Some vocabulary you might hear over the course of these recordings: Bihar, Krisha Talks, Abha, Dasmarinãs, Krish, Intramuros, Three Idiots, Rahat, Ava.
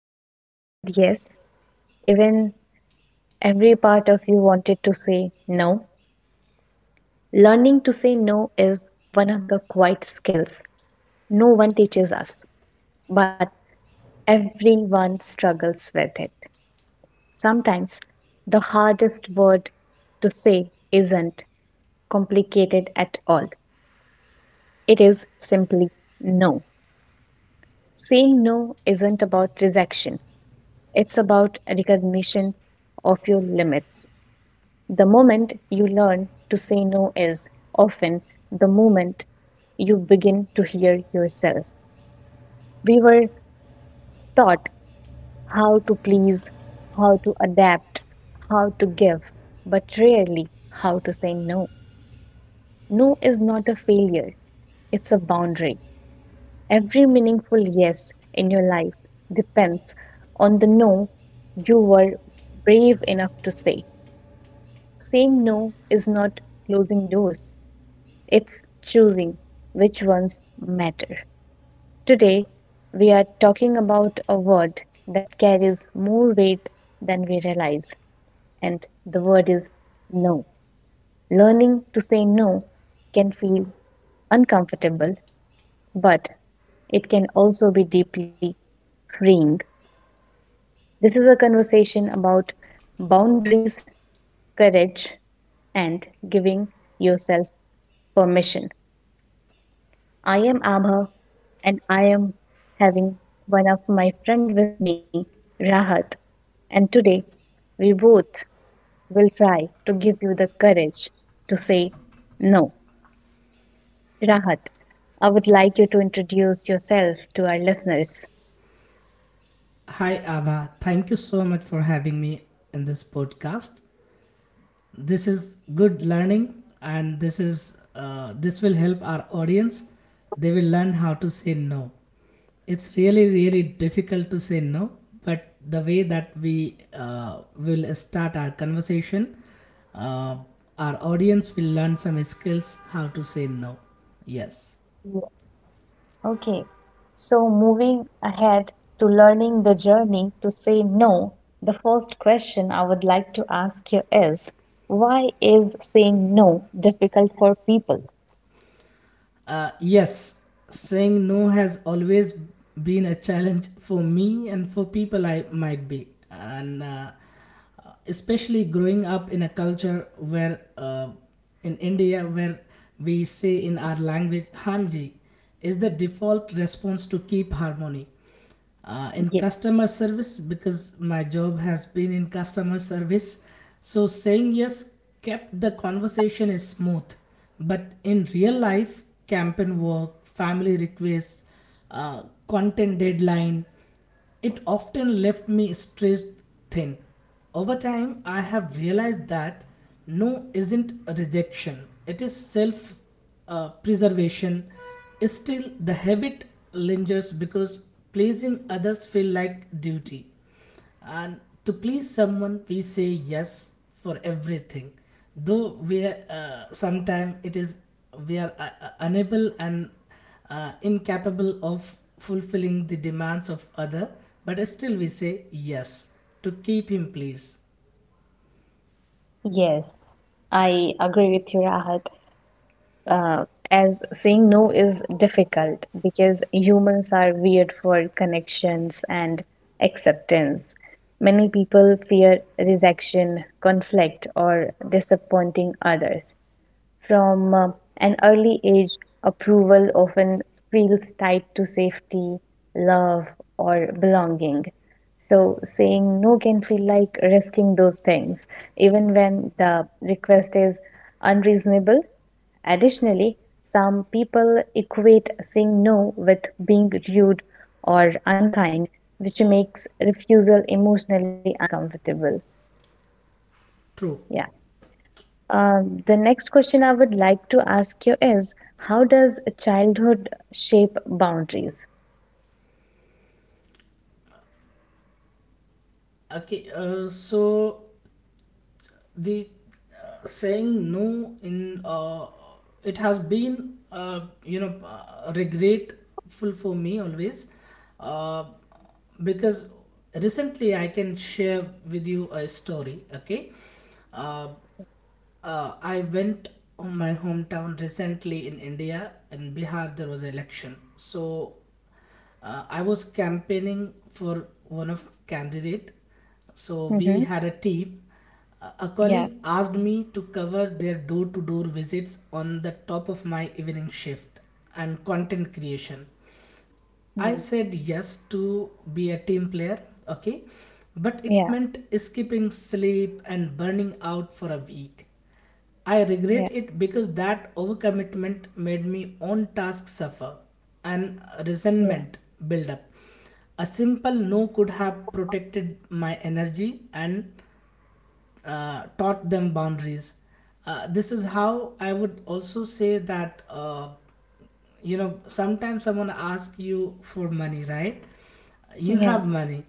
Have you ever said yes, even every part of you wanted to say no? Learning to say no is one of the quiet skills no one teaches us, but everyone struggles with it. Sometimes the hardest word to say isn't complicated at all, it is simply no. Saying no isn't about rejection, it's about recognition of your limits. The moment you learn to say no is often the moment you begin to hear yourself. We were taught how to please, how to adapt, how to give, but rarely how to say no. No is not a failure, it's a boundary. Every meaningful yes in your life depends on the no you were brave enough to say. Saying no is not closing doors, it's choosing which ones matter. Today, we are talking about a word that carries more weight than we realize, and the word is no. Learning to say no can feel uncomfortable, but it can also be deeply freeing. This is a conversation about boundaries, courage, and giving yourself permission. I am Abha and I am having one of my friend with me, Rahat, and today we both will try to give you the courage to say no. Rahat, I would like you to introduce yourself to our listeners. Hi, Ava. Thank you so much for having me in this podcast. This is good learning, and this will help our audience. They will learn how to say no. It's really, really difficult to say no, but the way that we will start our conversation, uh, our audience will learn some skills how to say no. Yes. Yeah, okay, so moving ahead to learning the journey to say no, the first question I would like to ask you is why is saying no difficult for people? Yes, saying no has always been a challenge for me and for people I might be. And especially growing up in a culture where, in India, where we say in our language, Hanji is the default response to keep harmony in Yes, customer service because my job has been in customer service. So saying yes kept the conversation is smooth, but in real life, campaign work, family requests, content deadline, it often left me stretched thin. Over time, I have realized that no isn't a rejection, it is self preservation. Still, the habit lingers because pleasing others feel like duty and to please someone we say yes for everything though we are sometimes it is we are unable and incapable of fulfilling the demands of other but still we say yes to keep him pleased yes, I agree with you, Rahat. Uh, as saying no is difficult because humans are weird for connections and acceptance. Many people fear rejection, conflict, or disappointing others. From an early age, approval often feels tied to safety, love, or belonging. So, saying no can feel like risking those things, even when the request is unreasonable. Additionally, some people equate saying no with being rude or unkind, which makes refusal emotionally uncomfortable. true. Yeah. The next question I would like to ask you is how does childhood shape boundaries? Okay, so the saying no in, it has been regretful for me always, uh, because recently I can share with you a story. Okay, uh, I went on my hometown recently in India. In Bihar, there was an election, so I was campaigning for one of candidate. So Mm-hmm. we had a team. A Yeah. colleague asked me to cover their door-to-door visits on the top of my evening shift and content creation. I Mm. said yes to be a team player, okay, but it Yeah. meant skipping sleep and burning out for a week. I Yeah. regret it because that overcommitment made me own tasks suffer and Yeah. resentment build up. A simple no could have protected my energy and taught them boundaries. This is how I would also say that sometimes someone asks you for money, right? You Yeah. have money,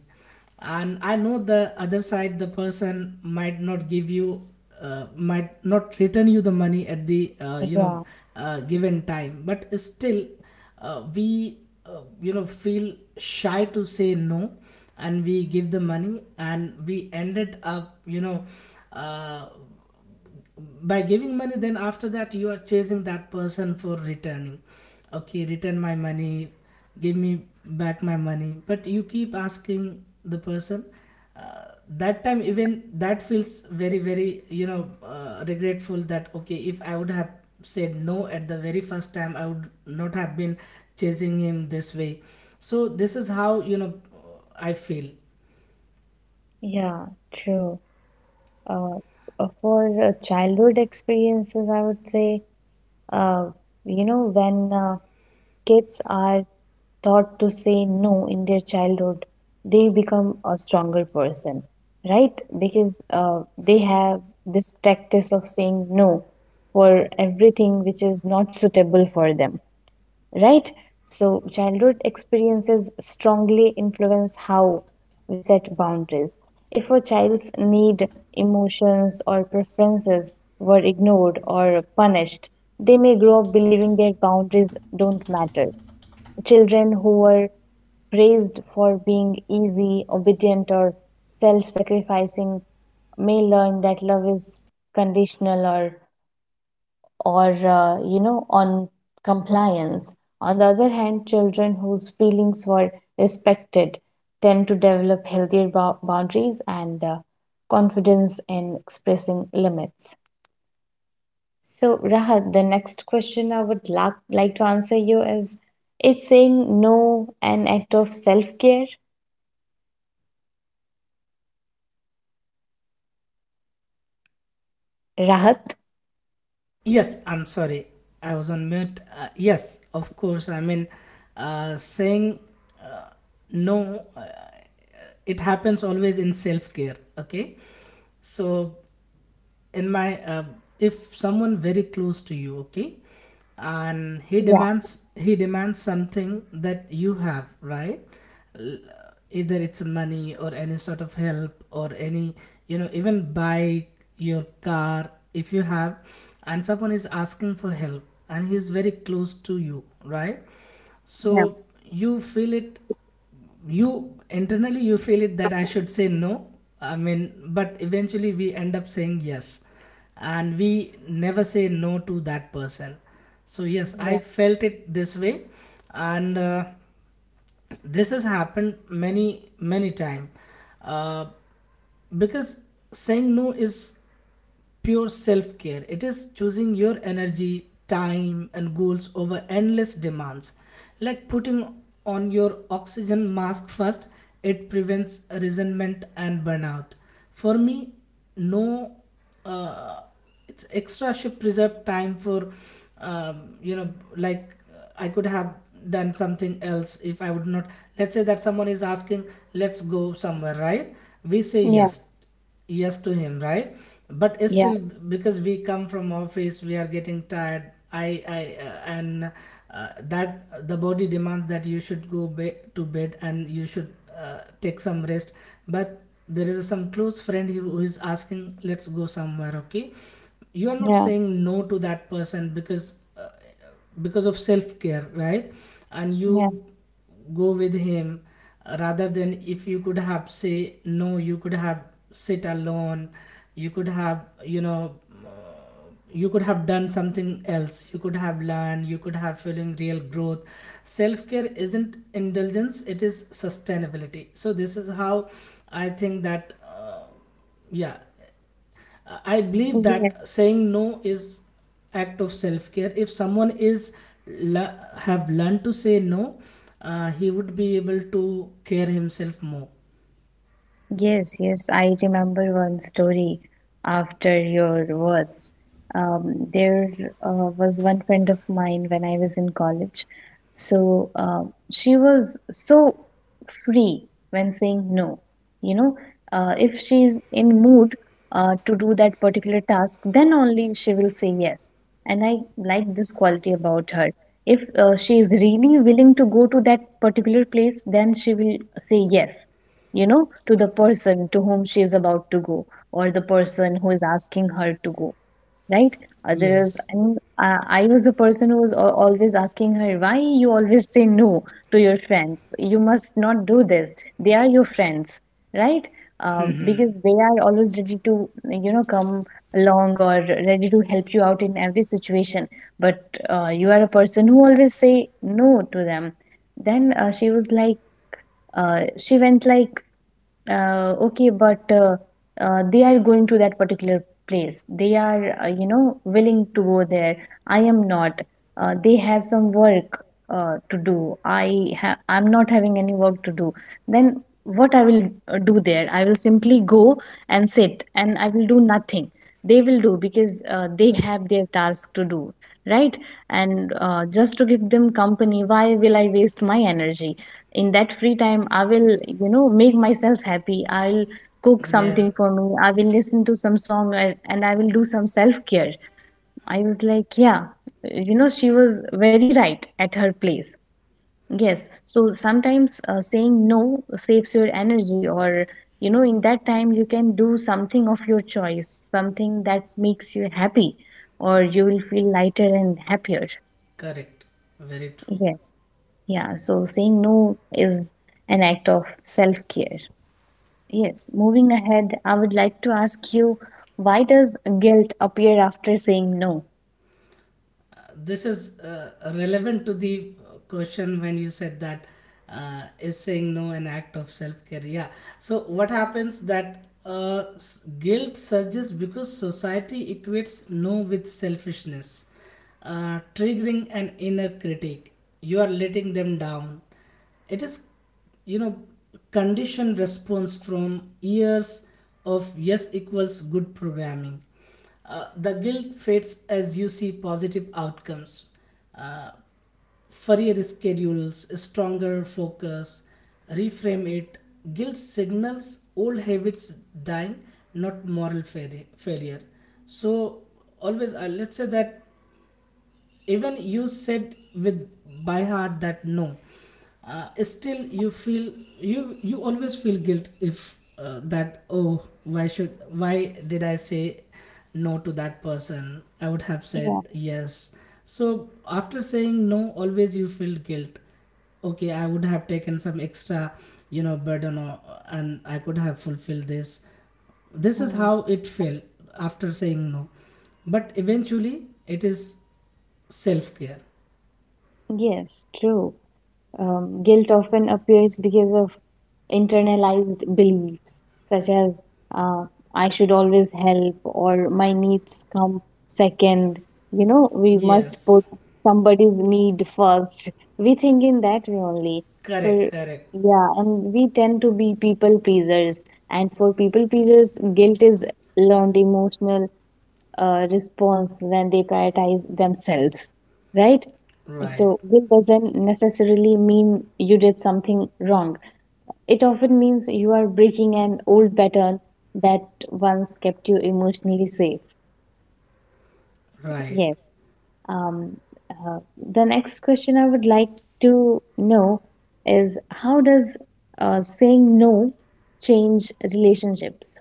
and I know the other side, the person might not give you, might not return you the money at the Yeah. Given time, but still we feel shy to say no and we give the money and we ended up uh, by giving money. Then after that you are chasing that person for returning, okay, return my money, give me back my money, but you keep asking the person. That time even that feels very very regretful that okay if I would have said no at the very first time I would not have been chasing him this way. So this is how you know I feel. Yeah. True. Uh, for childhood experiences, I would say, uh, when kids are taught to say no in their childhood, they become a stronger person, right? Because they have this practice of saying no for everything which is not suitable for them, right? So, childhood experiences strongly influence how we set boundaries. If a child's need, emotions, or preferences were ignored or punished, they may grow up believing their boundaries don't matter. Children who were praised for being easy, obedient, or self sacrificing may learn that love is conditional or on compliance. On the other hand, children whose feelings were respected tend to develop healthier boundaries and confidence in expressing limits. So Rahat, the next question I would like to answer you is, it's saying no an act of self-care, Rahat? Yes, I'm sorry. I was on mute. Yes, of course. I mean, saying no, it happens always in self care. Okay. So in my if someone very close to you, okay, and he Yeah. demands he demands something that you have, right? L- either it's money or any sort of help or any you know even bike your car if you have and someone is asking for help and he's very close to you, right? Yeah. So you feel it, you internally you feel it that I should say no, I mean, but eventually we end up saying yes and we never say no to that person. So yes I Yeah. felt it this way, and this has happened many many time, uh, because saying no is pure self care. It is choosing your energy, time, and goals over endless demands. Like putting on your oxygen mask first, it prevents resentment and burnout. For me, no, uh, it's extra shift preserve time for, you know, like I could have done something else if I would not. Let's say that someone is asking, let's go somewhere, right? We say Yeah. yes yes to him, right? But still, Yeah. because we come from office we are getting tired, I and that the body demands that you should to bed and you should take some rest, but there is some close friend who is asking, let's go somewhere, okay, you are not Yeah. saying no to that person because of self care, right? And you go with him, rather than if you could have say no, you could have sit alone, you could have you know uh, you could have done something else, you could have learned, you could have feeling real growth. Self care isn't indulgence, it is sustainability. So this is how I think that yeah, I believe Yeah. that saying no is act of self care. If someone is have learned to say no, he would be able to care himself more. Yes, yes, I remember one story after your words. There was one friend of mine when I was in college. So she was so free when saying no. You know, if she's in mood to do that particular task, then only she will say yes. And I like this quality about her. If she is really willing to go to that particular place, then she will say yes, you know, to the person to whom she is about to go, or the person who is asking her to go, right? Otherwise, Yes. and I was the person who was always asking her, why you always say no to your friends? You must not do this. They are your friends, right? Mhm. Because they are always ready to, you know, come along or ready to help you out in every situation. But you are a person who always say no to them. Then she went like, okay, but they are going to that particular place. They are, willing to go there. I am not. They have some work to do. I'm not having any work to do. Then what I will do there? I will simply go and sit, and I will do nothing. They will do because they have their task to do, right? And just to give them company, why will I waste my energy? In that free time, I will, you know, make myself happy, I'll cook something Yeah. for me, I will listen to some song, and I will do some self care. I was like, yeah, you know, she was very right at her place. Yes, so sometimes saying no saves your energy, or you know, in that time you can do something of your choice, something that makes you happy, or you will feel lighter and happier. Correct. Very true. Yes. Yeah, so saying no is an act of self care. Yes, moving ahead, I would like to ask you, why does guilt appear after saying no? This is relevant to the question when you said that is saying no an act of self-care. Yeah, so what happens that guilt surges because society equates no with selfishness, triggering an inner critic. You are letting them down. It is you know conditioned response from years of yes equals good programming. The guilt fades as you see positive outcomes, uh, furrier schedules, stronger focus, reframe it. Guilt signals old habits dying, not moral failure. So, always, let's say that even you said with by heart that no, still you feel, you always feel guilt if that, oh why should, why did I say no to that person, I would have said Yeah. yes. So after saying no always you feel guilt, okay I would have taken some extra you know burden, or, and I could have fulfilled this. This is Hmm. how it felt after saying no, but eventually it is self care. Yes, true. Guilt often appears because of internalized beliefs, such as uh, I should always help or my needs come second. You know, we must put Yes, somebody's need first. We think in that way only. For, correct, correct. yeah, and we tend to be people pleasers. And for people pleasers, guilt is learned emotional response when they prioritize themselves, right? Right, So, guilt doesn't necessarily mean you did something wrong. It often means you are breaking an old pattern that once kept you emotionally safe. right. Yes. Um, the next question I would like to know is, how does saying no change relationships?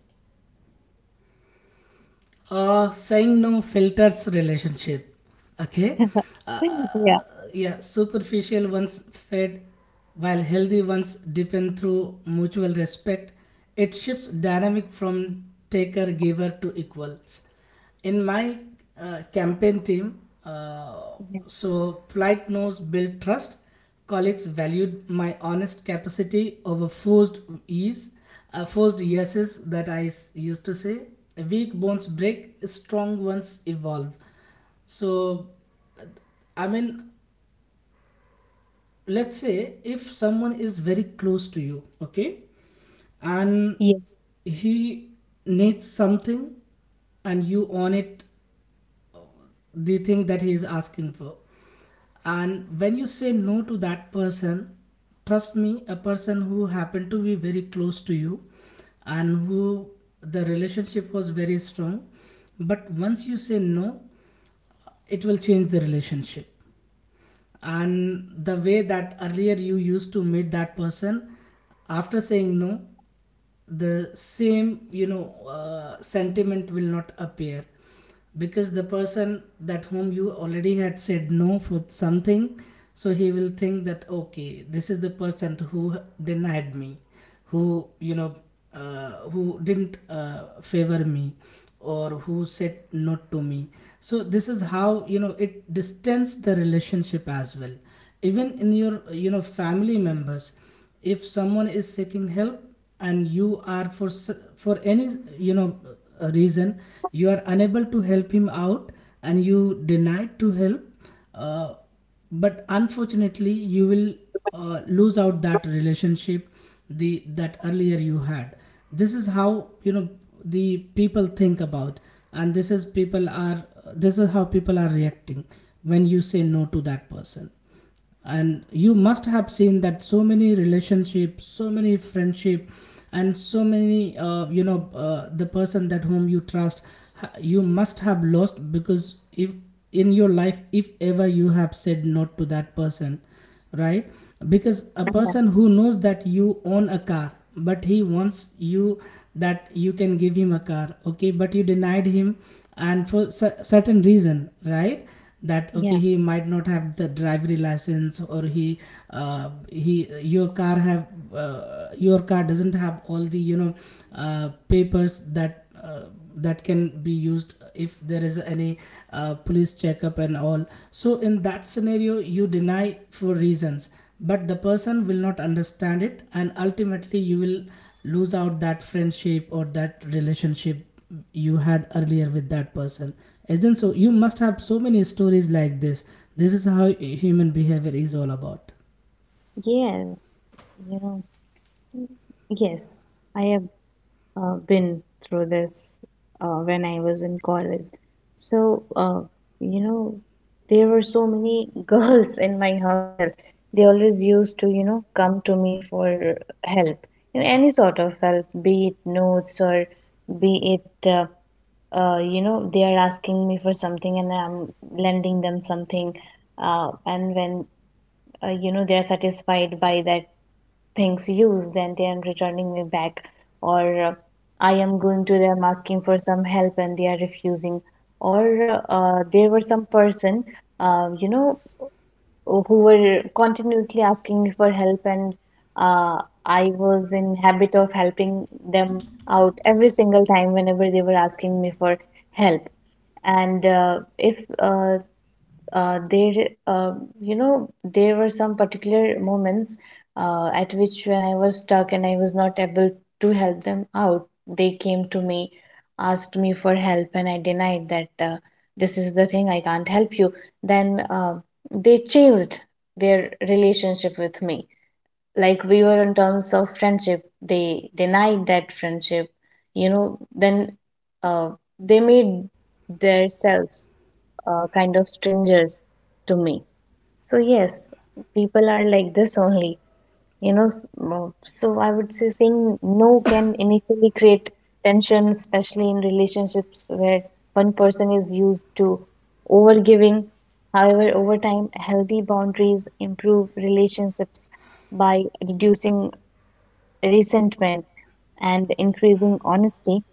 Saying no filters relationship. Okay. Uh, Yeah. yeah, superficial ones fade while healthy ones deepen through mutual respect. It shifts dynamic from taker giver to equals in my campaign team, Yeah. so polite knows build trust, colleagues valued my honest capacity over forced ease, forced yeses that I used to say. Weak bones break, strong ones evolve. So I mean, let's say if someone is very close to you, okay, and Yes. he needs something and you on it the thing that he is asking for, and when you say no to that person, trust me, a person who happened to be very close to you and who, the relationship was very strong, but once you say no it will change the relationship. And the way that earlier you used to meet that person, after saying no the same you know sentiment will not appear, because the person that whom you already had said no for something, so he will think that okay this is the person who denied me, who you know who didn't favor me or who said not to me. So this is how you know it distanced the relationship as well. Even in your you know family members, if someone is seeking help and you are for for any you know reason you are unable to help him out and you denied to help, uh, but unfortunately you will lose out that relationship the that earlier you had. This is how you know the people think about, and this is people are, this is how people are reacting when you say no to that person. And you must have seen that so many relationships, so many friendship, and so many the person that whom you trust you must have lost, because if in your life if ever you have said no to that person, right, because a Yeah. person who knows that you own a car but he wants you that you can give him a car, okay, but you denied him and for certain reason, right, that okay Yeah. he might not have the driver license or he your car have your car doesn't have all the you know papers that that can be used if there is any police checkup and all. So in that scenario you deny for reasons, but the person will not understand it and ultimately you will lose out that friendship or that relationship you had earlier with that person. Isn't so you must have so many stories like this. This is how human behavior is all about. Yes. You know, yes, I have been through this when I was in college. So, you know, there were so many girls in my hostel. They always used to, you know, come to me for help, you know, any sort of help, be it notes or be it, you know, they are asking me for something and I'm lending them something. And when, you know, they are satisfied by that things used, then they are returning me back, or uh, I am going to them asking for some help and they are refusing. Or there were some person, you know, who were continuously asking me for help, and uh, I was in habit of helping them out every single time whenever they were asking me for help. And if there you know, there were some particular moments at which, when I was stuck and I was not able to help them out, they came to me, asked me for help, and I denied that, this is the thing, I can't help you. Then they changed their relationship with me. Like, we were in terms of friendship, they denied that friendship, you know. Then uh, they made themselves kind of strangers to me. So, yes, people are like this only, you know. So, I would say saying no can initially create tension, especially in relationships where one person is used to overgiving. However, over time, healthy boundaries improve relationships by reducing resentment and increasing honesty.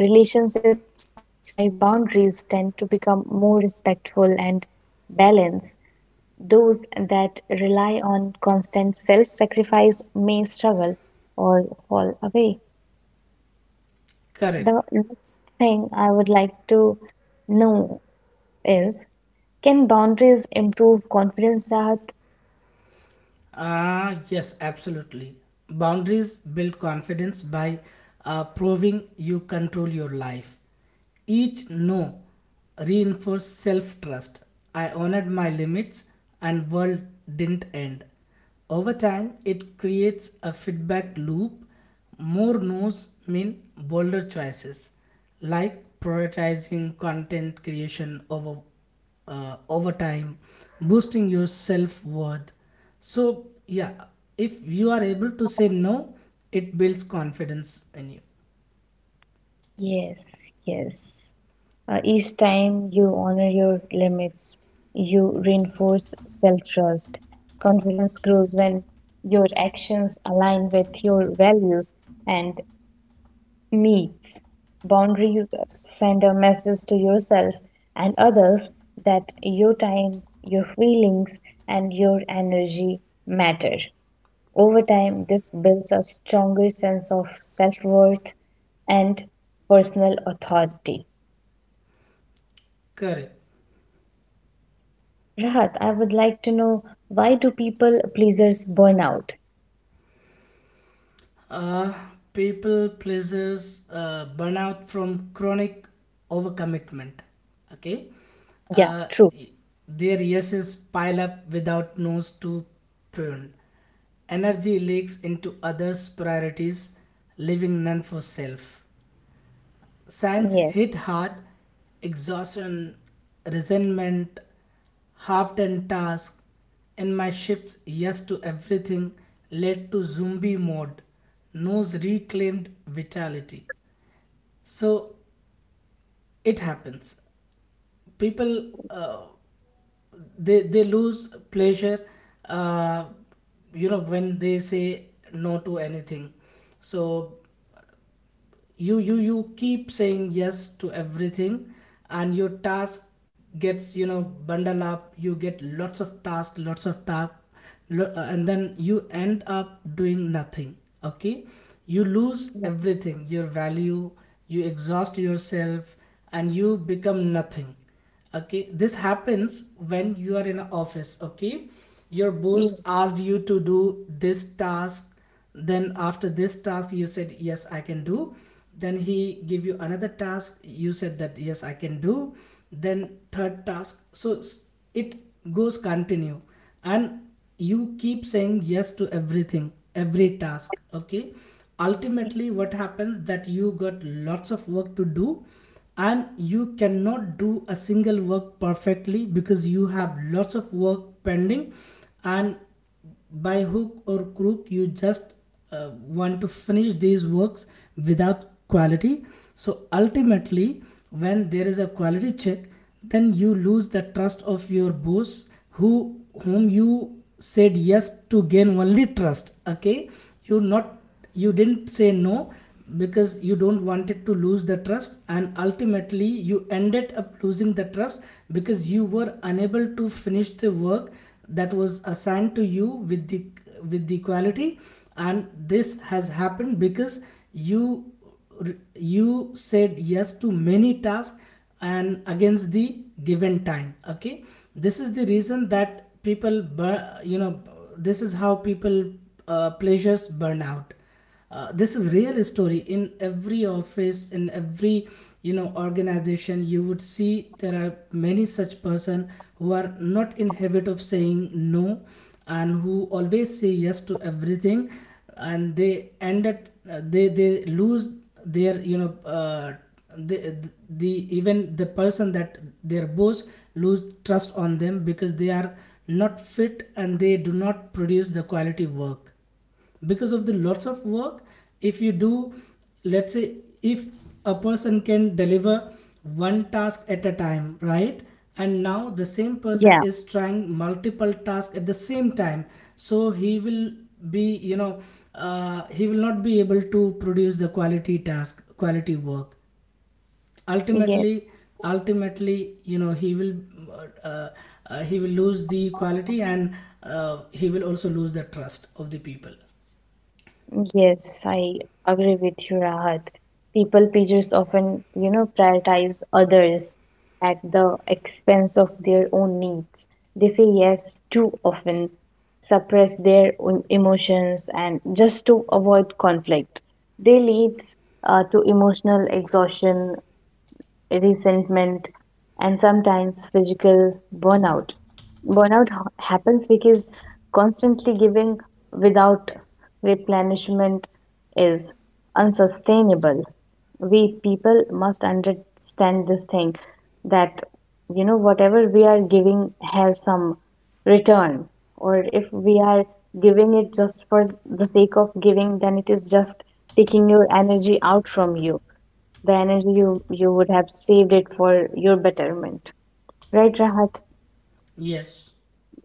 Relationships that survive boundaries tend to become more respectful and balanced. Those that rely on constant self sacrifice may struggle or fall away. Correct. The next thing I would like to know is, can boundaries improve confidence, Rahat? Ah, yes, absolutely. Boundaries build confidence by proving you control your life. Each no reinforced self trust. I honored my limits and world didn't end. Over time, it creates a feedback loop. More no's mean bolder choices, like prioritizing content creation over over time, boosting your self worth. So, yeah, if you are able to say no, it builds confidence in you. Yes, yes. Each time you honor your limits, you reinforce self trust. Confidence grows when your actions align with your values and needs. Boundaries send a message to yourself and others that your time, your feelings, and your energy matter. Over time, this builds a stronger sense of self worth and personal authority. Correct. Rahat, I would like to know, why do people pleasers burn out? Uh, People pleasers burnout from chronic overcommitment. Okay. Yeah, Uh, true. y- their yeses pile up without nose to prune. Energy leaks into others' priorities, leaving none for self. Science Yes, hit hard, exhaustion, resentment, half done tasks, and my shifts yes to everything led to zombie mode. Nose reclaimed vitality. So it happens. People they lose pleasure. Uh, you know when they say no to anything. So you keep saying yes to everything, and your task gets, you know, bundled up. You get lots of tasks, lots of tasks, and then you end up doing nothing. Okay, you lose yeah, everything, your value, you exhaust yourself and you become nothing. Okay, this happens when you are in an office. Okay, your boss yes, asked you to do this task, then after this task you said yes, I can do. Then he give you another task, you said that yes, I can do. Then third task, so it goes continue. And you keep saying yes to everything, every task. Okay, ultimately what happens, that you got lots of work to do and you cannot do a single work perfectly because you have lots of work pending. And by hook or crook you just want to finish these works without quality. So ultimately, when there is a quality check, then you lose the trust of your boss, who whom you said yes to gain only trust. Okay, you're not, you didn't say no because you don't want it to lose the trust, and ultimately you ended up losing the trust because you were unable to finish the work that was assigned to you with the quality. And this has happened because you you said yes to many tasks and against the given time. Okay, this is the reason that people bur- you know this is how people pleasures burn out. This is real story. In every office, in every, you know, organization, you would see there are many such person who are not in habit of saying no and who always say yes to everything. And they end at, uh, they lose their, you know, the even the person, that their boss lose trust on them because they are not fit and they do not produce the quality work because of the lots of work. If you do, let's say, if a person can deliver one task at a time, right? And now the same person yeah, is trying multiple tasks at the same time, so he will be, you know, he will not be able to produce the quality task, quality work. Ultimately, yes, ultimately, you know, uh, he will lose the quality, and he will also lose the trust of the people. yes. I agree with you, Rahat. People pleasers often, you know, prioritize others at the expense of their own needs. They say yes too often, suppress their own emotions, and just to avoid conflict. They leads to emotional exhaustion, resentment, and sometimes physical burnout. Burnout happens because constantly giving without replenishment is unsustainable. We people must understand this thing that, you know, whatever we are giving has some return, or if we are giving it just for the sake of giving, then it is just taking your energy out from you, the energy you would have saved it for your betterment, right Rahat? Yes.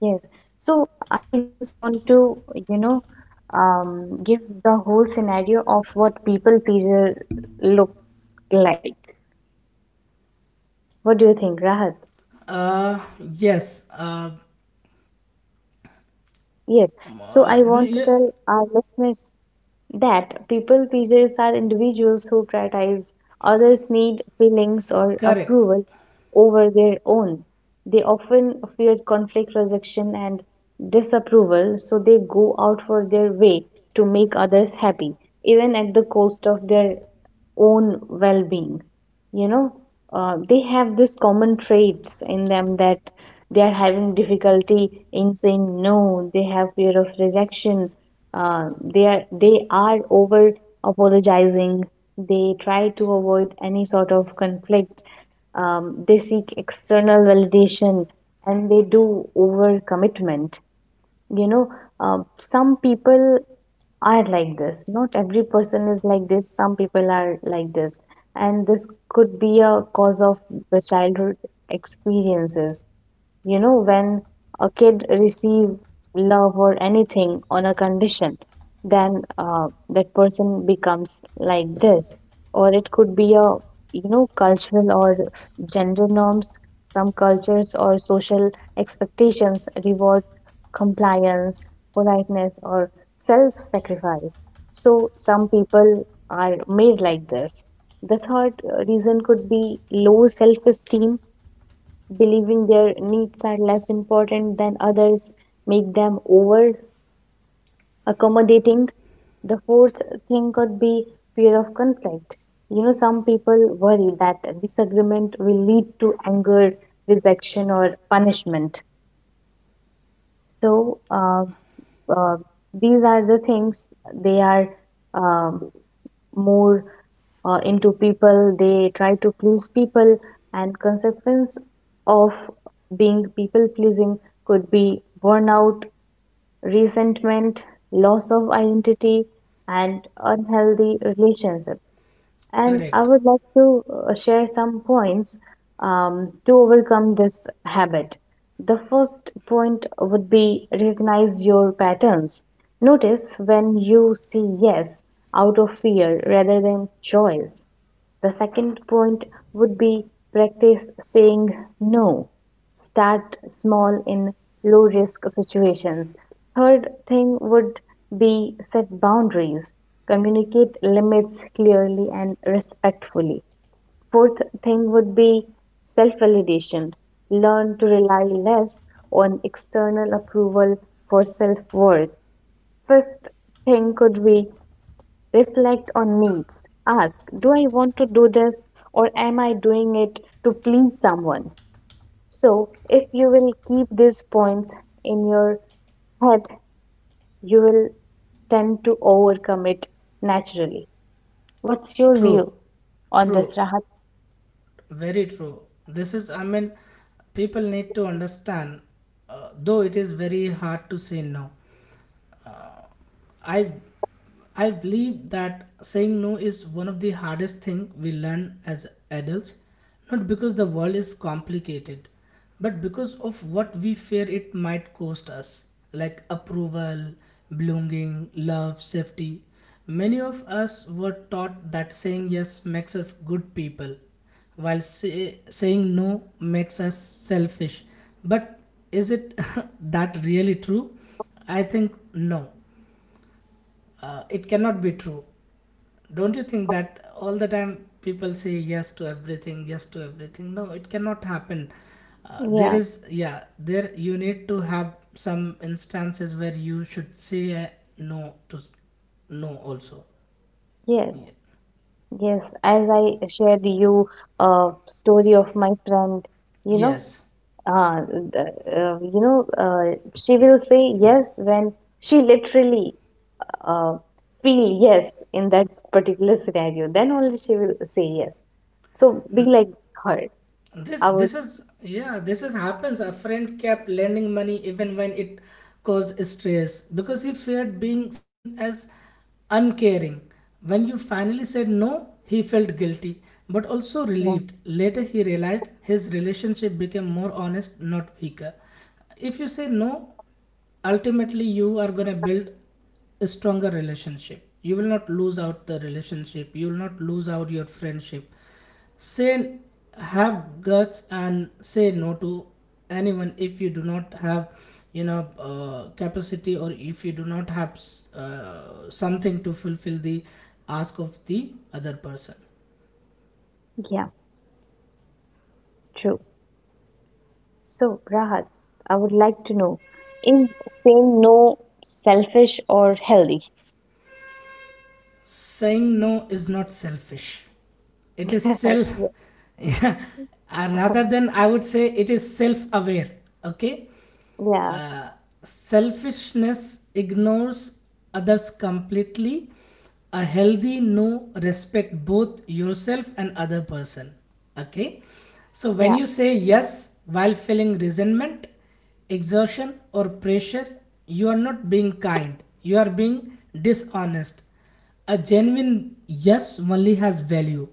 Yes. So I just want to, you know, give the whole scenario of what people pleaser look like. What do you think, Rahat? uh yes uh, Yes. So I want to yeah, tell our listeners that people pleasers are individuals who prioritize others' need, feelings, or correct. approval over their own. They often fear conflict, rejection, and disapproval, so they go out for their way to make others happy, even at the cost of their own well being. You know, they have this common traits in them that they are having difficulty in saying no, they have fear of rejection, they are over apologizing, they try to avoid any sort of conflict, they seek external validation, and they do over commitment. You know, some people are like this. Not every person is like this. Some people are like this. And this could be a cause of the childhood experiences. You know, when a kid receive love or anything on a condition, then that person becomes like this. Or it could be a, you know, cultural or gender norms. Some cultures or social expectations reward compliance, politeness, or self-sacrifice. So some people are made like this. The third reason could be low self-esteem, believing their needs are less important than others make them over accommodating. The fourth thing could be fear of conflict. You know, some people worry that disagreement will lead to anger, rejection, or punishment. So uh, uh, these are the things they are um more into. People they try to please people, and consequence of being people pleasing could be burnout, resentment, loss of identity, and unhealthy relationships. And I Correct. would like to share some points to overcome this habit. The first point would be recognize your patterns. Notice when you say yes out of fear rather than choice. The second point would be practice saying no, start small in low risk situations. Third thing would be set boundaries, communicate limits clearly and respectfully. Fourth thing would be self validation, learn to rely less on external approval for self worth. Fifth thing could be reflect on needs, ask, do I want to do this or am I doing it to please someone? So, if you will keep these points in your head, you will tend to overcome it naturally. What's your view True, on this, true, Rahat? very true. This is, I mean, people need to understand, though it is very hard to say no. Uh, I I believe that saying no is one of the hardest thing we learn as adults, not because the world is complicated, but because of what we fear it might cost us, like approval, belonging, love, safety. Many of us were taught that saying yes makes us good people, while saying no makes us selfish. But is it that really true? I think no, it cannot be true. Don't you think that all the time people say yes to everything, yes to everything? No, it cannot happen. There Yeah, is, yeah, there you need to have some instances where you should say no to no also. yes, Ye- yes. As I shared you a story of my friend, you know, yes. She will say yes when she literally uh, feel yes in that particular scenario. Then only she will say yes. So be like her. this I would. this is, yeah, this is happens. A friend kept lending money even when it caused stress because he feared being seen as uncaring. When you finally said no, he felt guilty but also Yeah, relieved. Later he realized his relationship became more honest, not weaker. If you say no, ultimately you are going to build a stronger relationship. You will not lose out the relationship, you will not lose out your friendship. Say, have guts and say no to anyone if you do not have, you know, capacity, or if you do not have something to fulfill the ask of the other person. yeah, true. So, Rahat, I would like to know, is saying no selfish or healthy? Saying no is not selfish. It is self, yeah, rather than, I would say it is self aware. Okay? Yeah, Uh, Selfishness ignores others completely. A healthy no respect both yourself and other person. Okay? So yeah, when yeah, you say yes while feeling resentment, exhaustion or pressure, you are not being kind, you are being dishonest. A genuine yes only has value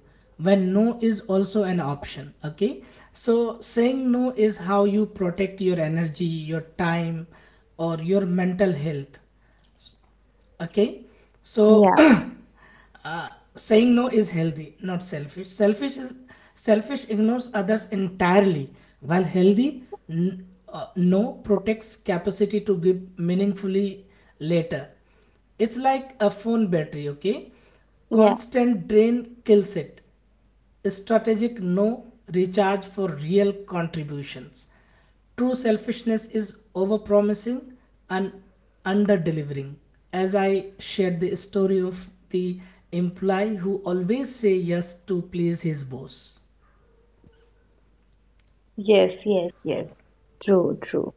when no is also an option. Okay, so saying no is how you protect your energy, your time, or your mental health. Okay, so yeah, uh, saying no is healthy, not selfish. Selfish is, selfish ignores others entirely, while healthy no protects capacity to give meaningfully later. It's like a phone battery. Okay, yeah. constant drain kills it. Strategic no, recharge for real contributions. True selfishness is overpromising and underdelivering. As I shared, the story of the employee who always say yes to please his boss. Yes, yes, yes. True, true.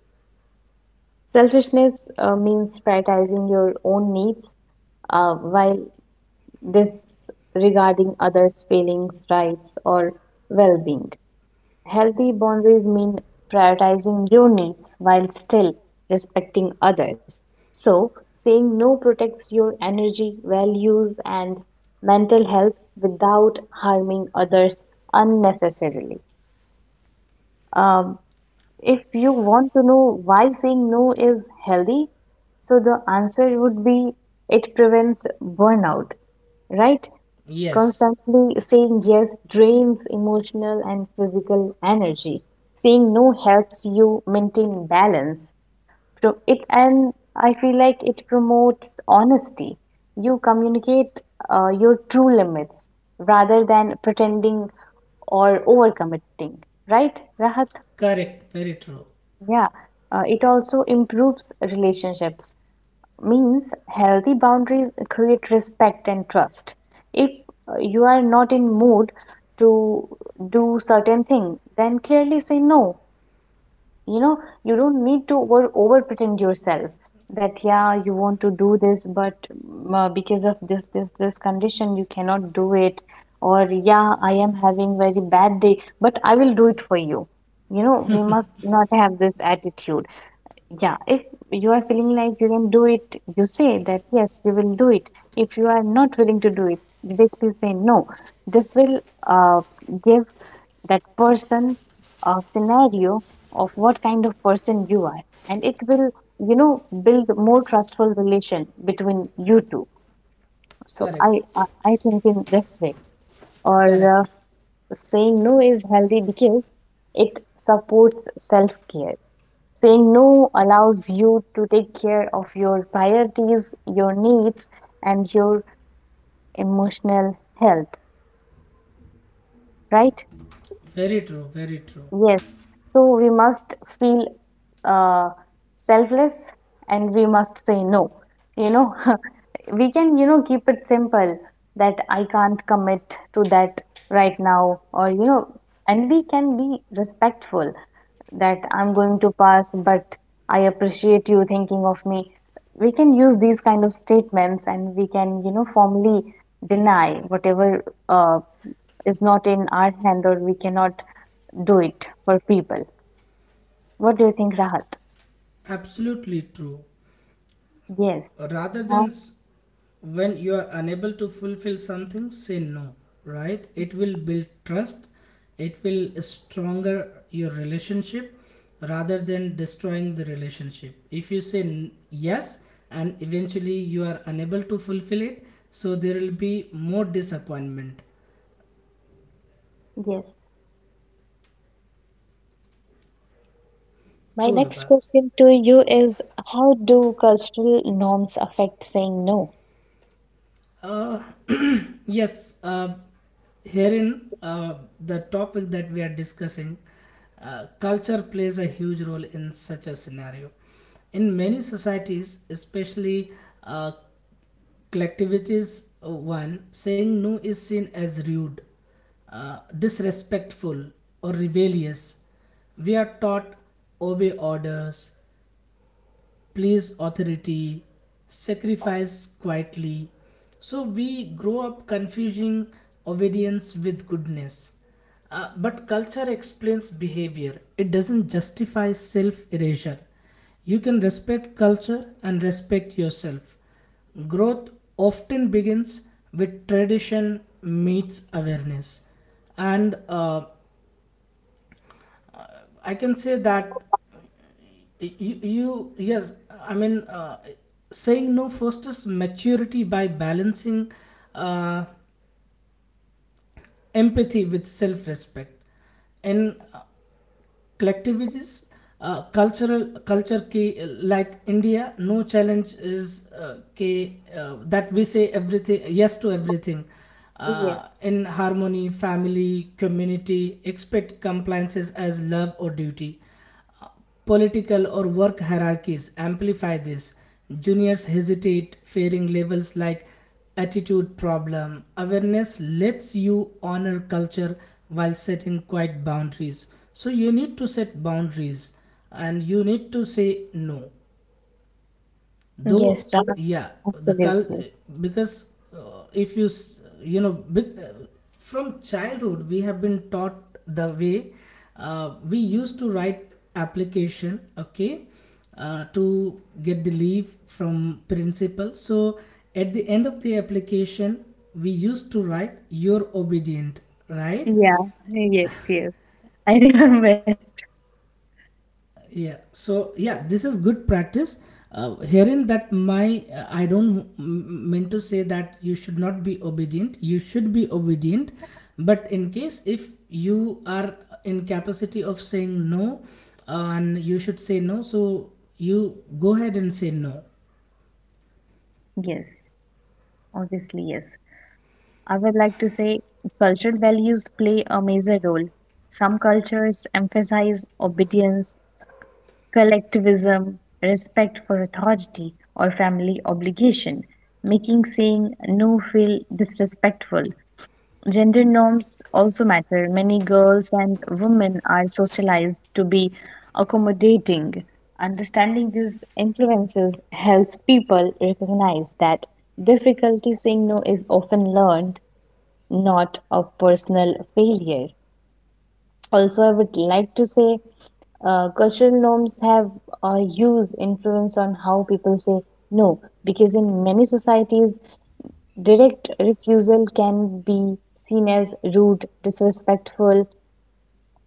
Selfishness means prioritizing your own needs while disregarding others' feelings, rights, or well-being. Healthy boundaries mean prioritizing your needs while still respecting others. So, saying no protects your energy, values, and mental health without harming others unnecessarily. Um, if you want to know why saying no is healthy, so the answer would be it prevents burnout, right? Yes, Constantly saying yes drains emotional and physical energy. Saying no helps you maintain balance. So it, and I feel like it promotes honesty. You communicate your true limits rather than pretending or overcommitting. Right, Rahat? correct, very true. Yeah. It also improves relationships, means healthy boundaries create respect and trust. If you are not in mood to do certain thing, then clearly say no. You know, you don't need to over pretend yourself that yeah, you want to do this, but because of this this this condition you cannot do it, or yeah, I am having very bad day but I will do it for you. You know, we must not have this attitude. Yeah, if you are feeling like you can do it, you say that yes, you will do it. If you are not willing to do it, directly say no. This will uh, give that person a scenario of what kind of person you are, and it will, you know, build more trustful relation between you two. So Correct, I think in this way, or correct. saying no is healthy because it supports self-care. Saying no allows you to take care of your priorities, your needs, and your emotional health, right? Very true, very true. Yes. So we must feel uh, selfless and we must say no. You know, we can, you know, keep it simple that I can't commit to that right now, or, you know, and we can be respectful that I'm going to pass, but I appreciate you thinking of me. We can use these kind of statements and we can, you know, formally deny whatever uh, is not in our hand or we cannot do it for people. What do you think, Rahat? Absolutely true. Yes. Rather Uh, than s- when you are unable to fulfill something, say no, right? It will build trust, it will stronger your relationship, rather than destroying the relationship. If you say yes and eventually you are unable to fulfill it, so there will be more disappointment. yes. My True, next abba. question to you is, how do cultural norms affect saying no? Uh, yes, herein, the topic that we are discussing, culture plays a huge role in such a scenario. In many societies, especially uh, collectivities, one saying no is seen as rude, disrespectful, or rebellious. We are taught, obey orders, please authority, sacrifice quietly. So we grow up confusing obedience with goodness. But culture explains behavior, it doesn't justify self erasure. You can respect culture and respect yourself. Growth often begins with tradition meets awareness. And I can say that you yes, I mean, saying no fosters maturity by balancing uh, empathy with self-respect in collectivities, cultural culture ki, like India. No, challenge is ki, that we say everything, yes to everything, Yes, in harmony family community, expect compliances as love or duty. Political or work hierarchies amplify this. Juniors hesitate, fearing labels like attitude problem. Awareness lets you honor culture while setting quiet boundaries. So you need to set boundaries and you need to say no, though Yes, Ra- yeah the cul- absolutely. because uh, if you you know big, from childhood we have been taught the way we used to write application. Okay, to get the leave from principal, so at the end of the application we used to write, you're obedient, right? Yeah, yes, yes. I remember it. Yeah, so yeah, this is good practice herein. That my, I don't mean to say that you should not be obedient, you should be obedient. But in case if you are in capacity of saying no, and you should say no, so you go ahead and say no. Yes, obviously, yes. I would like to say cultural values play a major role. Some cultures emphasize obedience, collectivism, respect for authority, or family obligation, making saying no feel disrespectful. Gender norms also matter. Many girls and women are socialized to be accommodating. Understanding these influences helps people recognize that difficulty saying no is often learned, not a personal failure. Also, I would like to say cultural norms have a huge influence on how people say no, because in many societies, direct refusal can be seen as rude, disrespectful,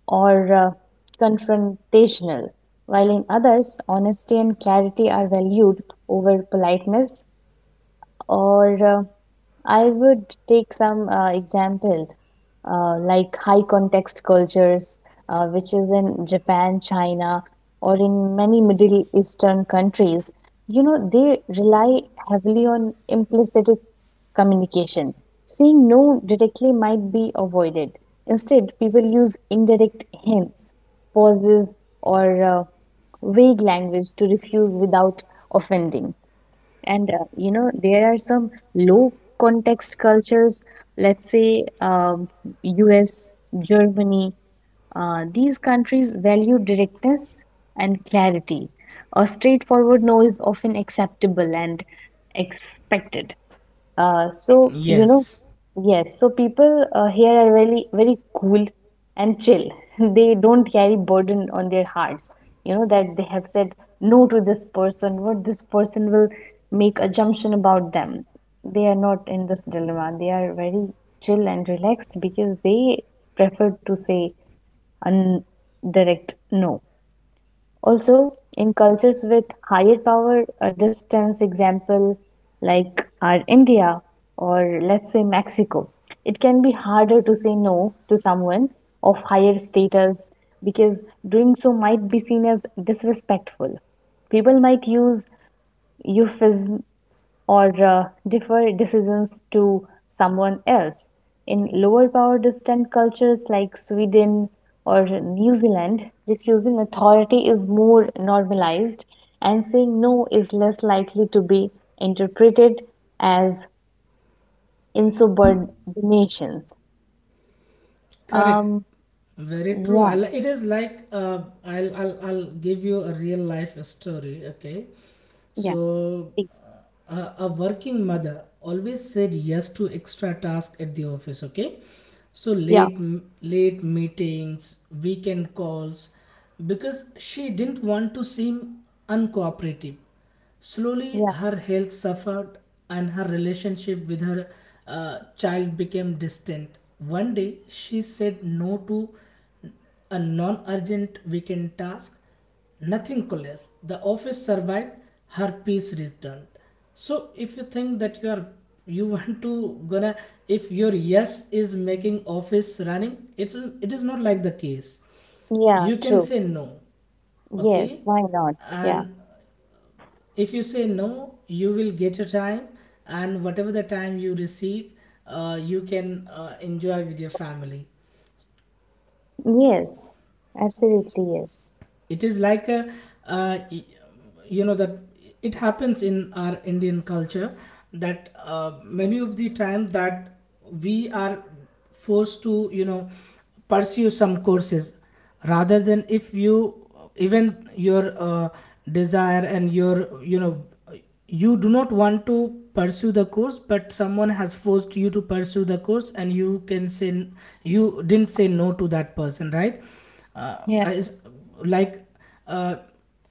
or confrontational, while in others, honesty and clarity are valued over politeness. Or I would take some example, like high context cultures, which is in Japan, China, or in many Middle Eastern countries. You know, they rely heavily on implicit communication. Saying no directly might be avoided. Instead, people use indirect hints, pauses, or vague language to refuse without offending. And you know, there are some low context cultures, let's say US, Germany, these countries value directness and clarity. A straightforward no is often acceptable and expected. So you know, Yes, yes. So people here are really very cool and chill. They don't carry burden on their hearts. You know that they have said no to this person. What this person will make assumption about them. They are not in this dilemma. They are very chill and relaxed because they prefer to say a n- direct no. Also, in cultures with higher power distance, example like our India or let's say Mexico, it can be harder to say no to someone of higher status because doing so might be seen as disrespectful. People might use euphemisms or defer decisions to someone else. In lower power distant cultures like Sweden or New Zealand, refusing authority is more normalized and saying no is less likely to be interpreted as insubordinations. correct. Um, Very true. Yeah, It is like, I'll, I'll give you a real life story. Okay, yeah, so please. A working mother always said yes to extra tasks at the office. Okay, so Yeah, late meetings, weekend calls, because she didn't want to seem uncooperative. Slowly, yeah, her health suffered and her relationship with her child became distant. One day, she said no to a non urgent weekend task. Nothing collapsed. The office survived, her peace returned. So, if you think that you are you want to gonna if your yes is making office running it is not like the case, yeah, you can true. say no. Okay. Yes, why not? Yeah, And if you say no, you will get your time, and whatever the time you receive, you can enjoy with your family. yes, absolutely, yes. It is like a uh, y- you know that it happens in our indian culture that many of the time that we are forced to pursue some courses rather than if you even your desire and your you do not want to pursue the course, but someone has forced you to pursue the course, and you can say you didn't say no to that person, right? uh, Yeah, as- like, uh,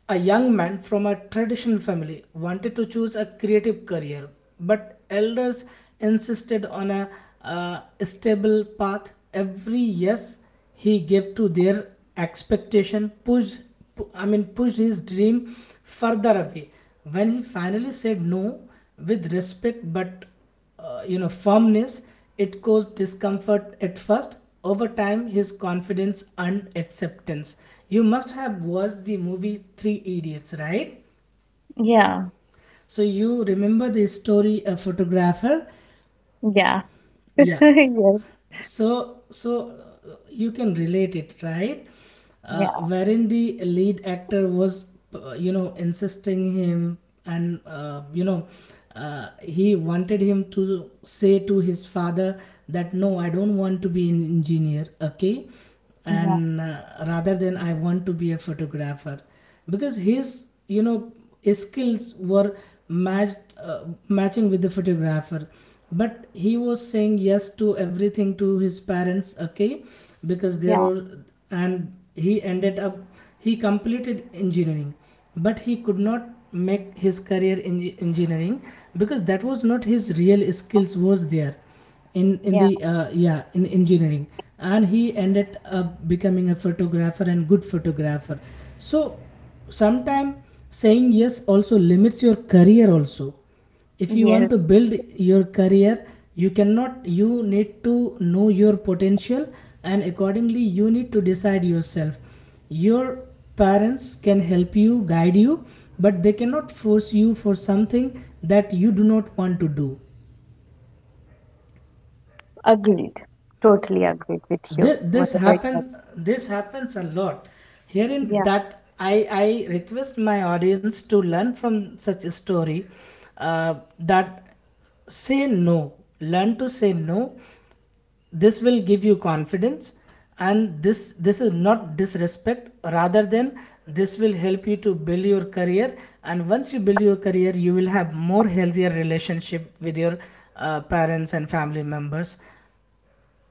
a young man from a traditional family wanted to choose a creative career, but elders insisted on a stable path. Every yes he gave to their expectation pushed, pushed his dream further away. When he finally said no with respect but firmness, it caused discomfort at first. Over time, his confidence and acceptance. You must have watched the movie three idiots, right? yeah. So you remember the story, a photographer. Yeah. Yeah. Yes. So, you can relate it, right? Yeah. Wherein the lead actor was insisting him, and he wanted him to say to his father that no, I don't want to be an engineer. Okay. Yeah. And rather than, I want to be a photographer, because his you know skills were matched matching with the photographer, but he was saying yes to everything to his parents. Okay. Because there Yeah. were, and he ended up, he completed engineering, but he could not make his career in engineering, because that was not his real skills was there in the Yeah. Yeah, in engineering. And he ended up becoming a photographer and good photographer. So sometime saying yes also limits your career also. If you want to Yes. build your career, you cannot, you need to know your potential, and accordingly you need to decide yourself. Your parents can help you, guide you, but they cannot force you for something that you do not want to do. Agreed. Totally agreed with you. This Whatever it happens, is. this happens a lot. Hearing Yeah. that, I request my audience to learn from such a story, that say no, learn to say no. This will give you confidence, and this is not disrespect, rather than this will help you to build your career. And once you build your career, you will have more healthier relationship with your parents and family members.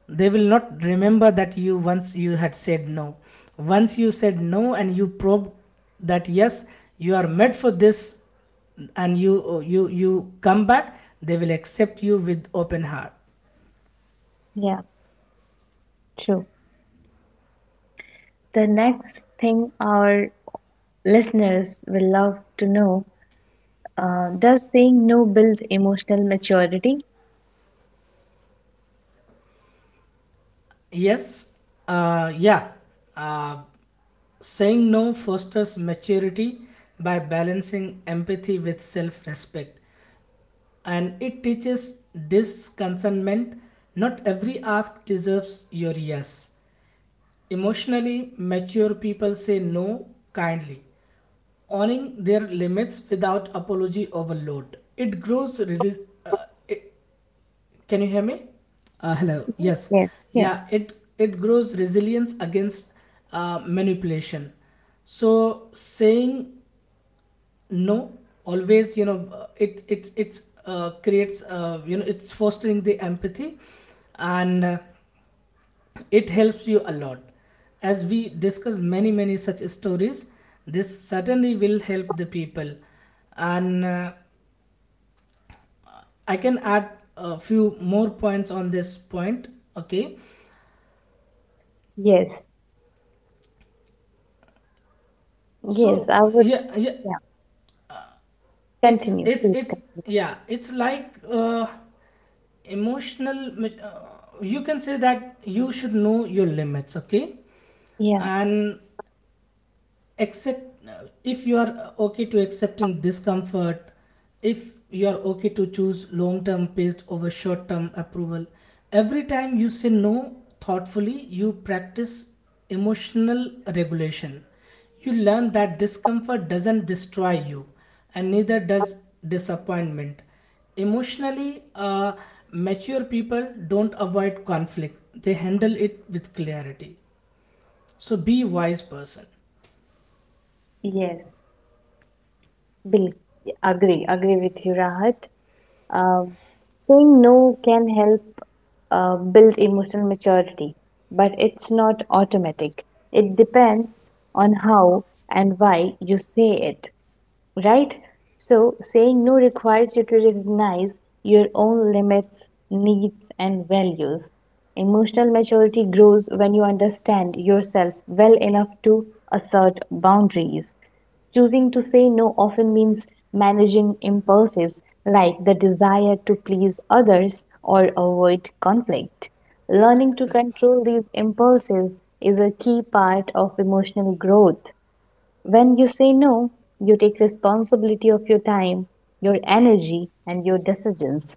They will not remember that you once you had said no. Once you said no and you probed that yes, you are made for this, and you come back, they will accept you with open heart. Yeah. True. The next thing our listeners will love to know, does saying no build emotional maturity? Yes. uh, yeah uh, Saying no fosters maturity by balancing empathy with self-respect, and it teaches discontentment. Not every ask deserves your yes. Emotionally mature people say no kindly, owning their limits without apology overload. It grows. Can you hear me? Hello. Yes. Yes. Yes. Yes. Yeah. It grows resilience against manipulation. So saying no always, you know, it it it's creates it's fostering the empathy, and it helps you a lot. As we discuss many many such stories, this certainly will help the people, and I can add a few more points on this point. Okay. Yes. Yes. So I would. yeah, yeah. Yeah. it's Continue. it's Please it's continue. yeah it's like, emotional ma- uh, you can say that you should know your limits. Okay. Yeah. And accept, if you are okay to accepting discomfort, if you are okay to choose long term based over short term approval. Every time you say no thoughtfully, you practice emotional regulation. You learn that discomfort doesn't destroy you, and neither does disappointment. Emotionally mature people don't avoid conflict, they handle it with clarity. So be a wise person. Yes. Bill. Agree. Agree with you, Rahat. Um, Saying no can help build emotional maturity, but it's not automatic. It depends on how and why you say it, right? So, saying no requires you to recognize your own limits, needs, and values. Emotional maturity grows when you understand yourself well enough to assert boundaries. Choosing to say no often means managing impulses like the desire to please others or avoid conflict. Learning to control these impulses is a key part of emotional growth. When you say no, you take responsibility of your time, your energy, and your decisions.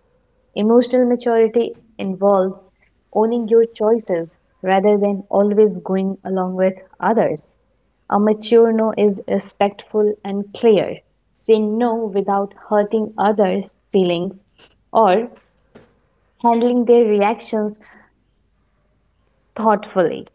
Emotional maturity involves owning your choices rather than always going along with others. A mature no is respectful and clear, saying no without hurting others' feelings or handling their reactions thoughtfully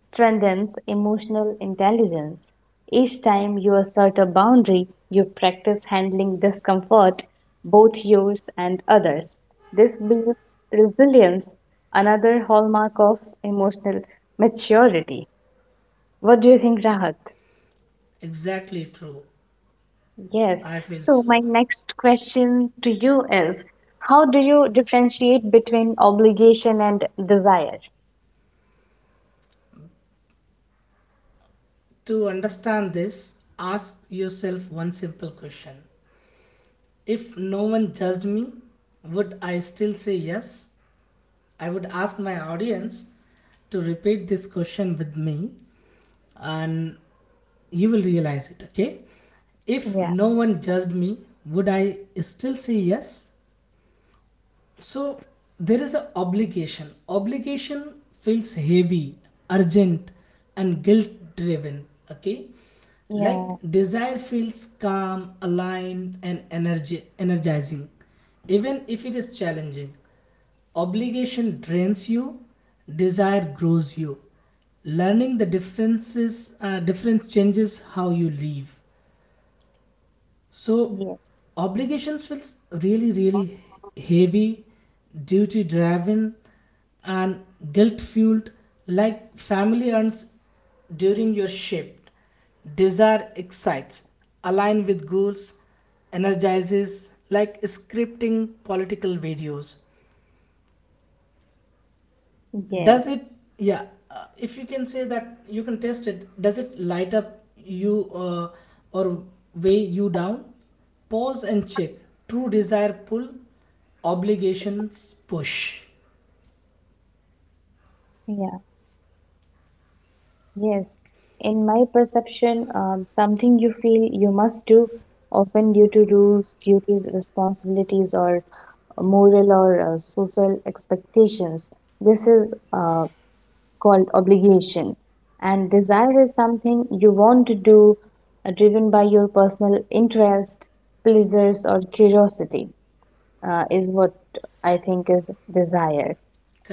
strengthens emotional intelligence. Each time you assert a boundary, you practice handling discomfort, both yours and others. This builds resilience, another hallmark of emotional maturity. What do you think, Rahat? Exactly true. Yes. I feel So, so. my next question to you is, how do you differentiate between obligation and desire? To understand this, ask yourself one simple question. If no one judged me, would I still say yes? I would ask my audience to repeat this question with me, and you will realize it, okay? If Yeah, no one judged me, would I still say yes? So there is an obligation. Obligation feels heavy, urgent, and guilt driven. Okay, yeah, like desire feels calm, aligned, and energy energizing, even if it is challenging. Obligation drains you, desire grows you. Learning the differences, difference changes how you live. So yeah, obligations feels really, really heavy, duty driven, and guilt fueled, like family earns during your shift. Desire excites, align with goals, energizes, like scripting political videos. Does Yes. it, yeah, if you can say that you can test it, does it light up you or weigh you down? Pause and check. True desire pull, obligations push. Yeah. Yes, in my perception, something you feel you must do, often due to rules, duties, responsibilities, or moral or social expectations. This is called obligation. And desire is something you want to do, driven by your personal interest, pleasures, or curiosity, is what I think is desire.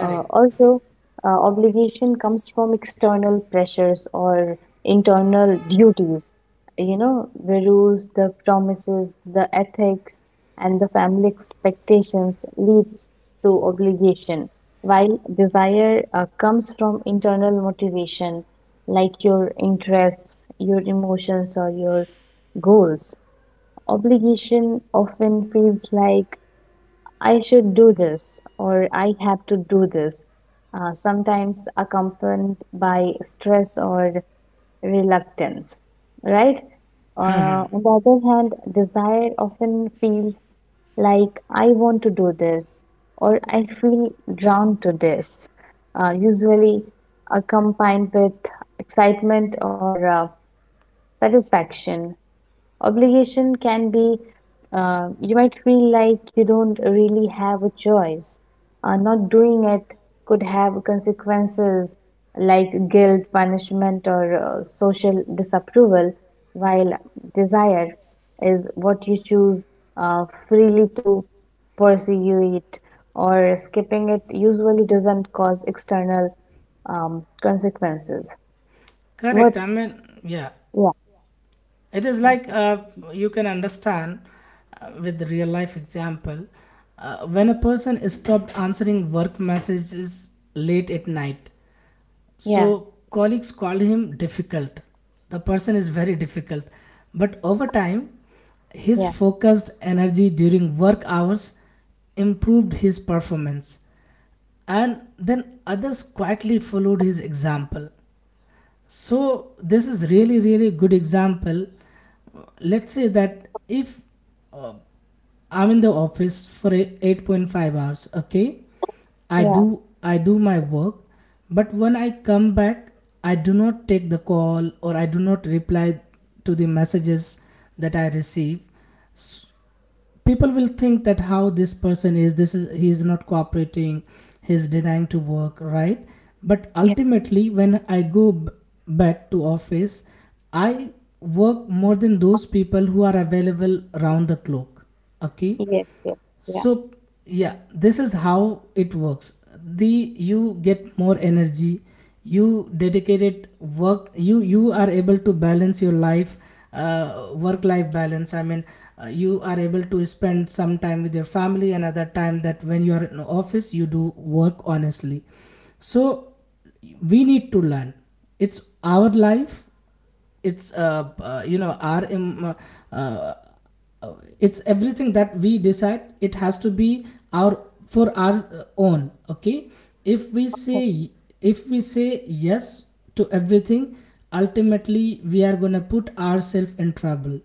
Also, obligation comes from external pressures or internal duties. You know, the rules, the promises, the ethics, and the family expectations leads to obligation, while desire comes from internal motivation, like your interests, your emotions, or your goals. Obligation often feels like I should do this or I have to do this, sometimes accompanied by stress or reluctance, right? On the other hand, desire often feels like I want to do this or I feel drawn to this, usually accompanied with excitement or satisfaction. Obligation can be, you might feel like you don't really have a choice. Not doing it could have consequences like guilt, punishment, or social disapproval, while desire is what you choose freely to pursue it, or skipping it usually doesn't cause external consequences. What? Correct, I mean, yeah, Yeah, it is like, yeah, you can understand with the real life example. When a person is stopped answering work messages late at night, so yeah, colleagues called him difficult. The person is very difficult. But over time, his yeah, focused energy during work hours improved his performance. And then others quietly followed his example. So this is really, really good example. Let's say that if uh, I'm in the office for 8.5 hours, okay? I do I do my work, but when I come back, I do not take the call or I do not reply to the messages that I receive. S- People will think that how this person is, this is he is not cooperating, he's denying to work, right? But yeah. ultimately when I go back to office, I work more than those people who are available round the clock. Okay. Yes, yes, yeah. So yeah, this is how it works. The you get more energy, you dedicated work, you are able to balance your life, work life balance, I mean, you are able to spend some time with your family, another time that when you are in office you do work honestly. So we need to learn, it's our life. It's you know our im- uh, it's everything that we decide, it has to be our, for our own. Okay. If we So, say, if we say yes to everything, ultimately we are going to put ourselves in trouble.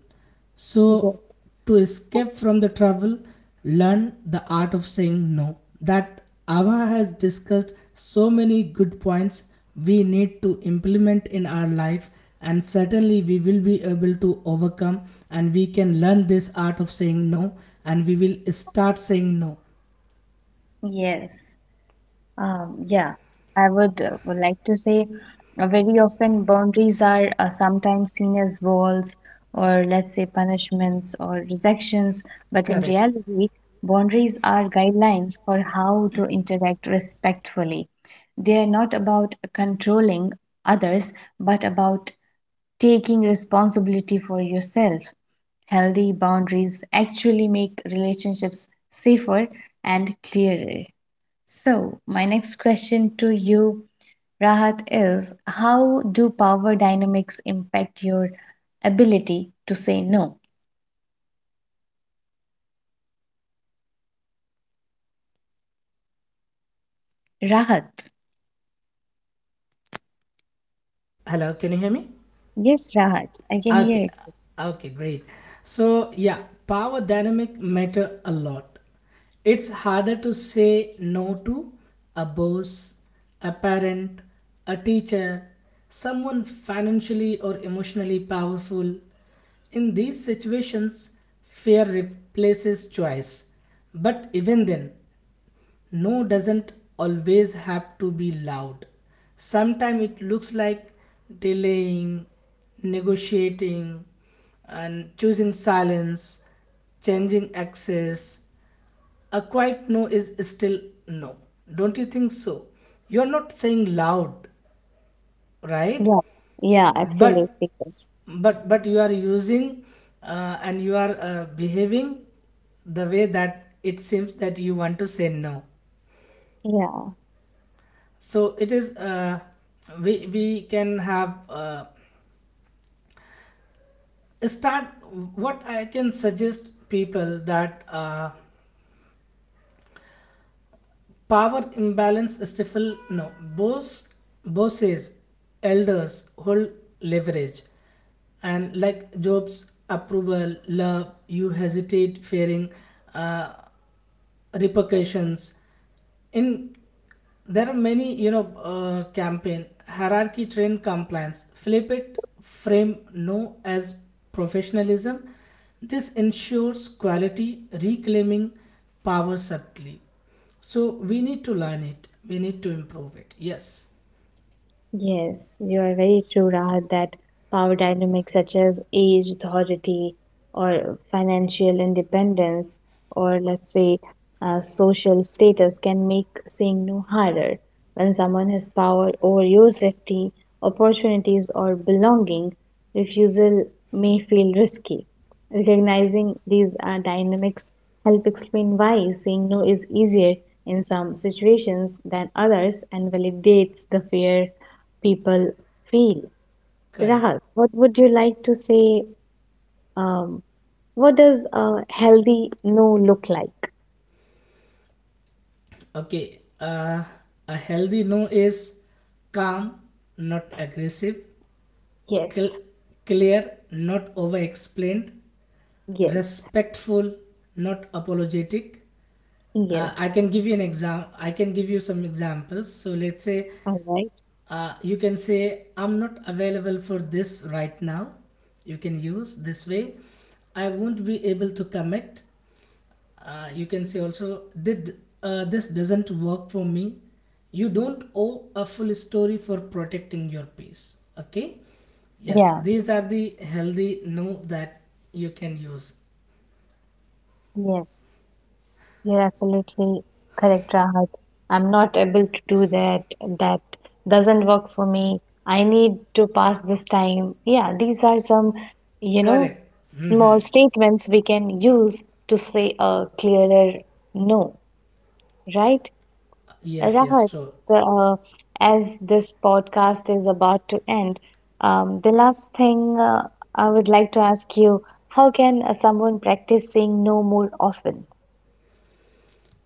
So yes, to escape from the trouble, learn the art of saying no. That Ava has discussed so many good points we need to implement in our life, and certainly we will be able to overcome, and we can learn this art of saying no, and we will start saying no. Yes. Yeah, I would like to say very often boundaries are sometimes seen as walls or let's say punishments or rejections, but in Correct. reality, boundaries are guidelines for how to interact respectfully. They are not about controlling others, but about taking responsibility for yourself. Healthy boundaries actually make relationships safer and clearer. So, my next question to you, Rahat, is how do power dynamics impact your ability to say no? Rahat. Hello, can you hear me? Yes, Rahat. I can hear Okay, it. okay, great. So, yeah, power dynamic matter a lot. It's harder to say no to a boss, a parent, a teacher, someone financially or emotionally powerful. In these situations, fear replaces choice. But even then, no doesn't always have to be loud. Sometimes it looks like delaying, negotiating, and choosing silence, changing access. A quiet no is still no. Don't you think so? You're not saying loud, right? Yeah. Yeah, But absolutely. Yes. but you are using, and you are behaving the way that it seems that you want to say no. Yeah. So it is, we can have, start. What I can suggest people that, power imbalance stifle no. boss Bosses, elders hold leverage, and like job's approval love, you hesitate fearing uh, repercussions. In there are many you know campaign hierarchy trained compliance, flip it, frame no as professionalism. This ensures quality, reclaiming power subtly. So we need to learn it, we need to improve it, yes. Yes, you are very true, Rahat, that power dynamics such as age, authority, or financial independence, or let's say social status can make saying no harder. When someone has power over your safety, opportunities, or belonging, refusal may feel risky. Recognizing these dynamics help explain why saying no is easier in some situations than others and validates the fear people feel. Correct. Rahul, what would you like to say? Um, what does a healthy no look like? Okay. A healthy no is calm, not aggressive, Yes, cl- clear, not over explained, yes, respectful, not apologetic. I yes. can give you an exam I can give you some examples. So let's say, All right. You can say, I'm not available for this right now, you can use this way. I won't be able to commit. You can say also did this doesn't work for me. You don't owe a full story for protecting your peace, okay? Yes, Yeah. these are the healthy no that you can use. Yes. You're absolutely correct, Rahat. I'm not able to do that. That doesn't work for me. I need to pass this time. Yeah. These are some, you know, Correct. small Hmm. statements we can use to say a clearer no, right? Yes, yes, Rahat, true. the, as this podcast is about to end, the last thing I would like to ask you, how can someone practice saying no more often?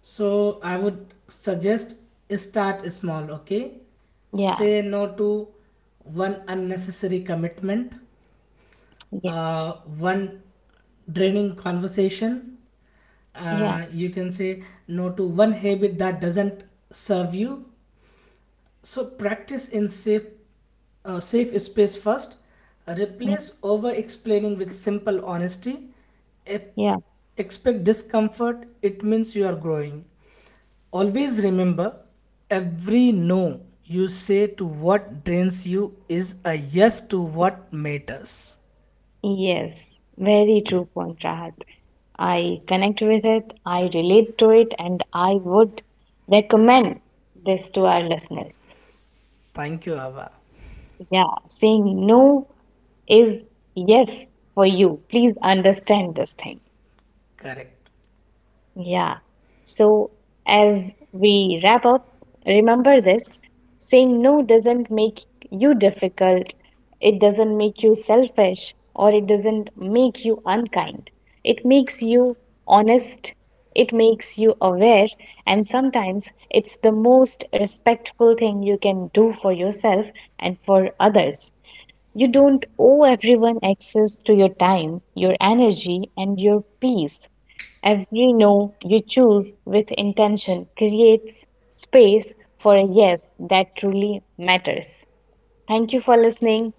So I would suggest, start small, okay? Yeah, Say no to one unnecessary commitment, yes, one draining conversation. yeah, You can say no to one habit that doesn't serve you. So practice in safe, safe space first. yeah, Replace over explaining with simple honesty. E- yeah, Expect discomfort. It means you are growing. Always remember, every no you say to what drains you is a yes to what matters. Yes. Very true point, Rahat. I connect with it, I relate to it, and I would recommend this to our listeners. Thank you, Abba. Yeah, saying no is yes for you. Please understand this thing. Correct. Yeah. So, as we wrap up, remember this: saying no doesn't make you difficult, it doesn't make you selfish, or it doesn't make you unkind. It makes you honest, it makes you aware, and sometimes it's the most respectful thing you can do for yourself and for others. You don't owe everyone access to your time, your energy, and your peace. Every no you choose with intention creates space for a yes that truly matters. Thank you for listening,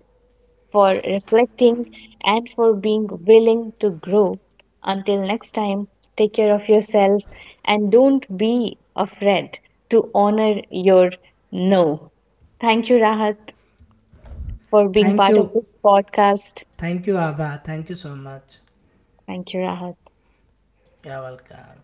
for reflecting, and for being willing to grow. Until next time, take care of yourself and don't be afraid to honor your no. Thank you, Rahat, for being Thank part of you. this podcast. Thank you, Abba. Thank you so much. Thank you, Rahat. You're welcome.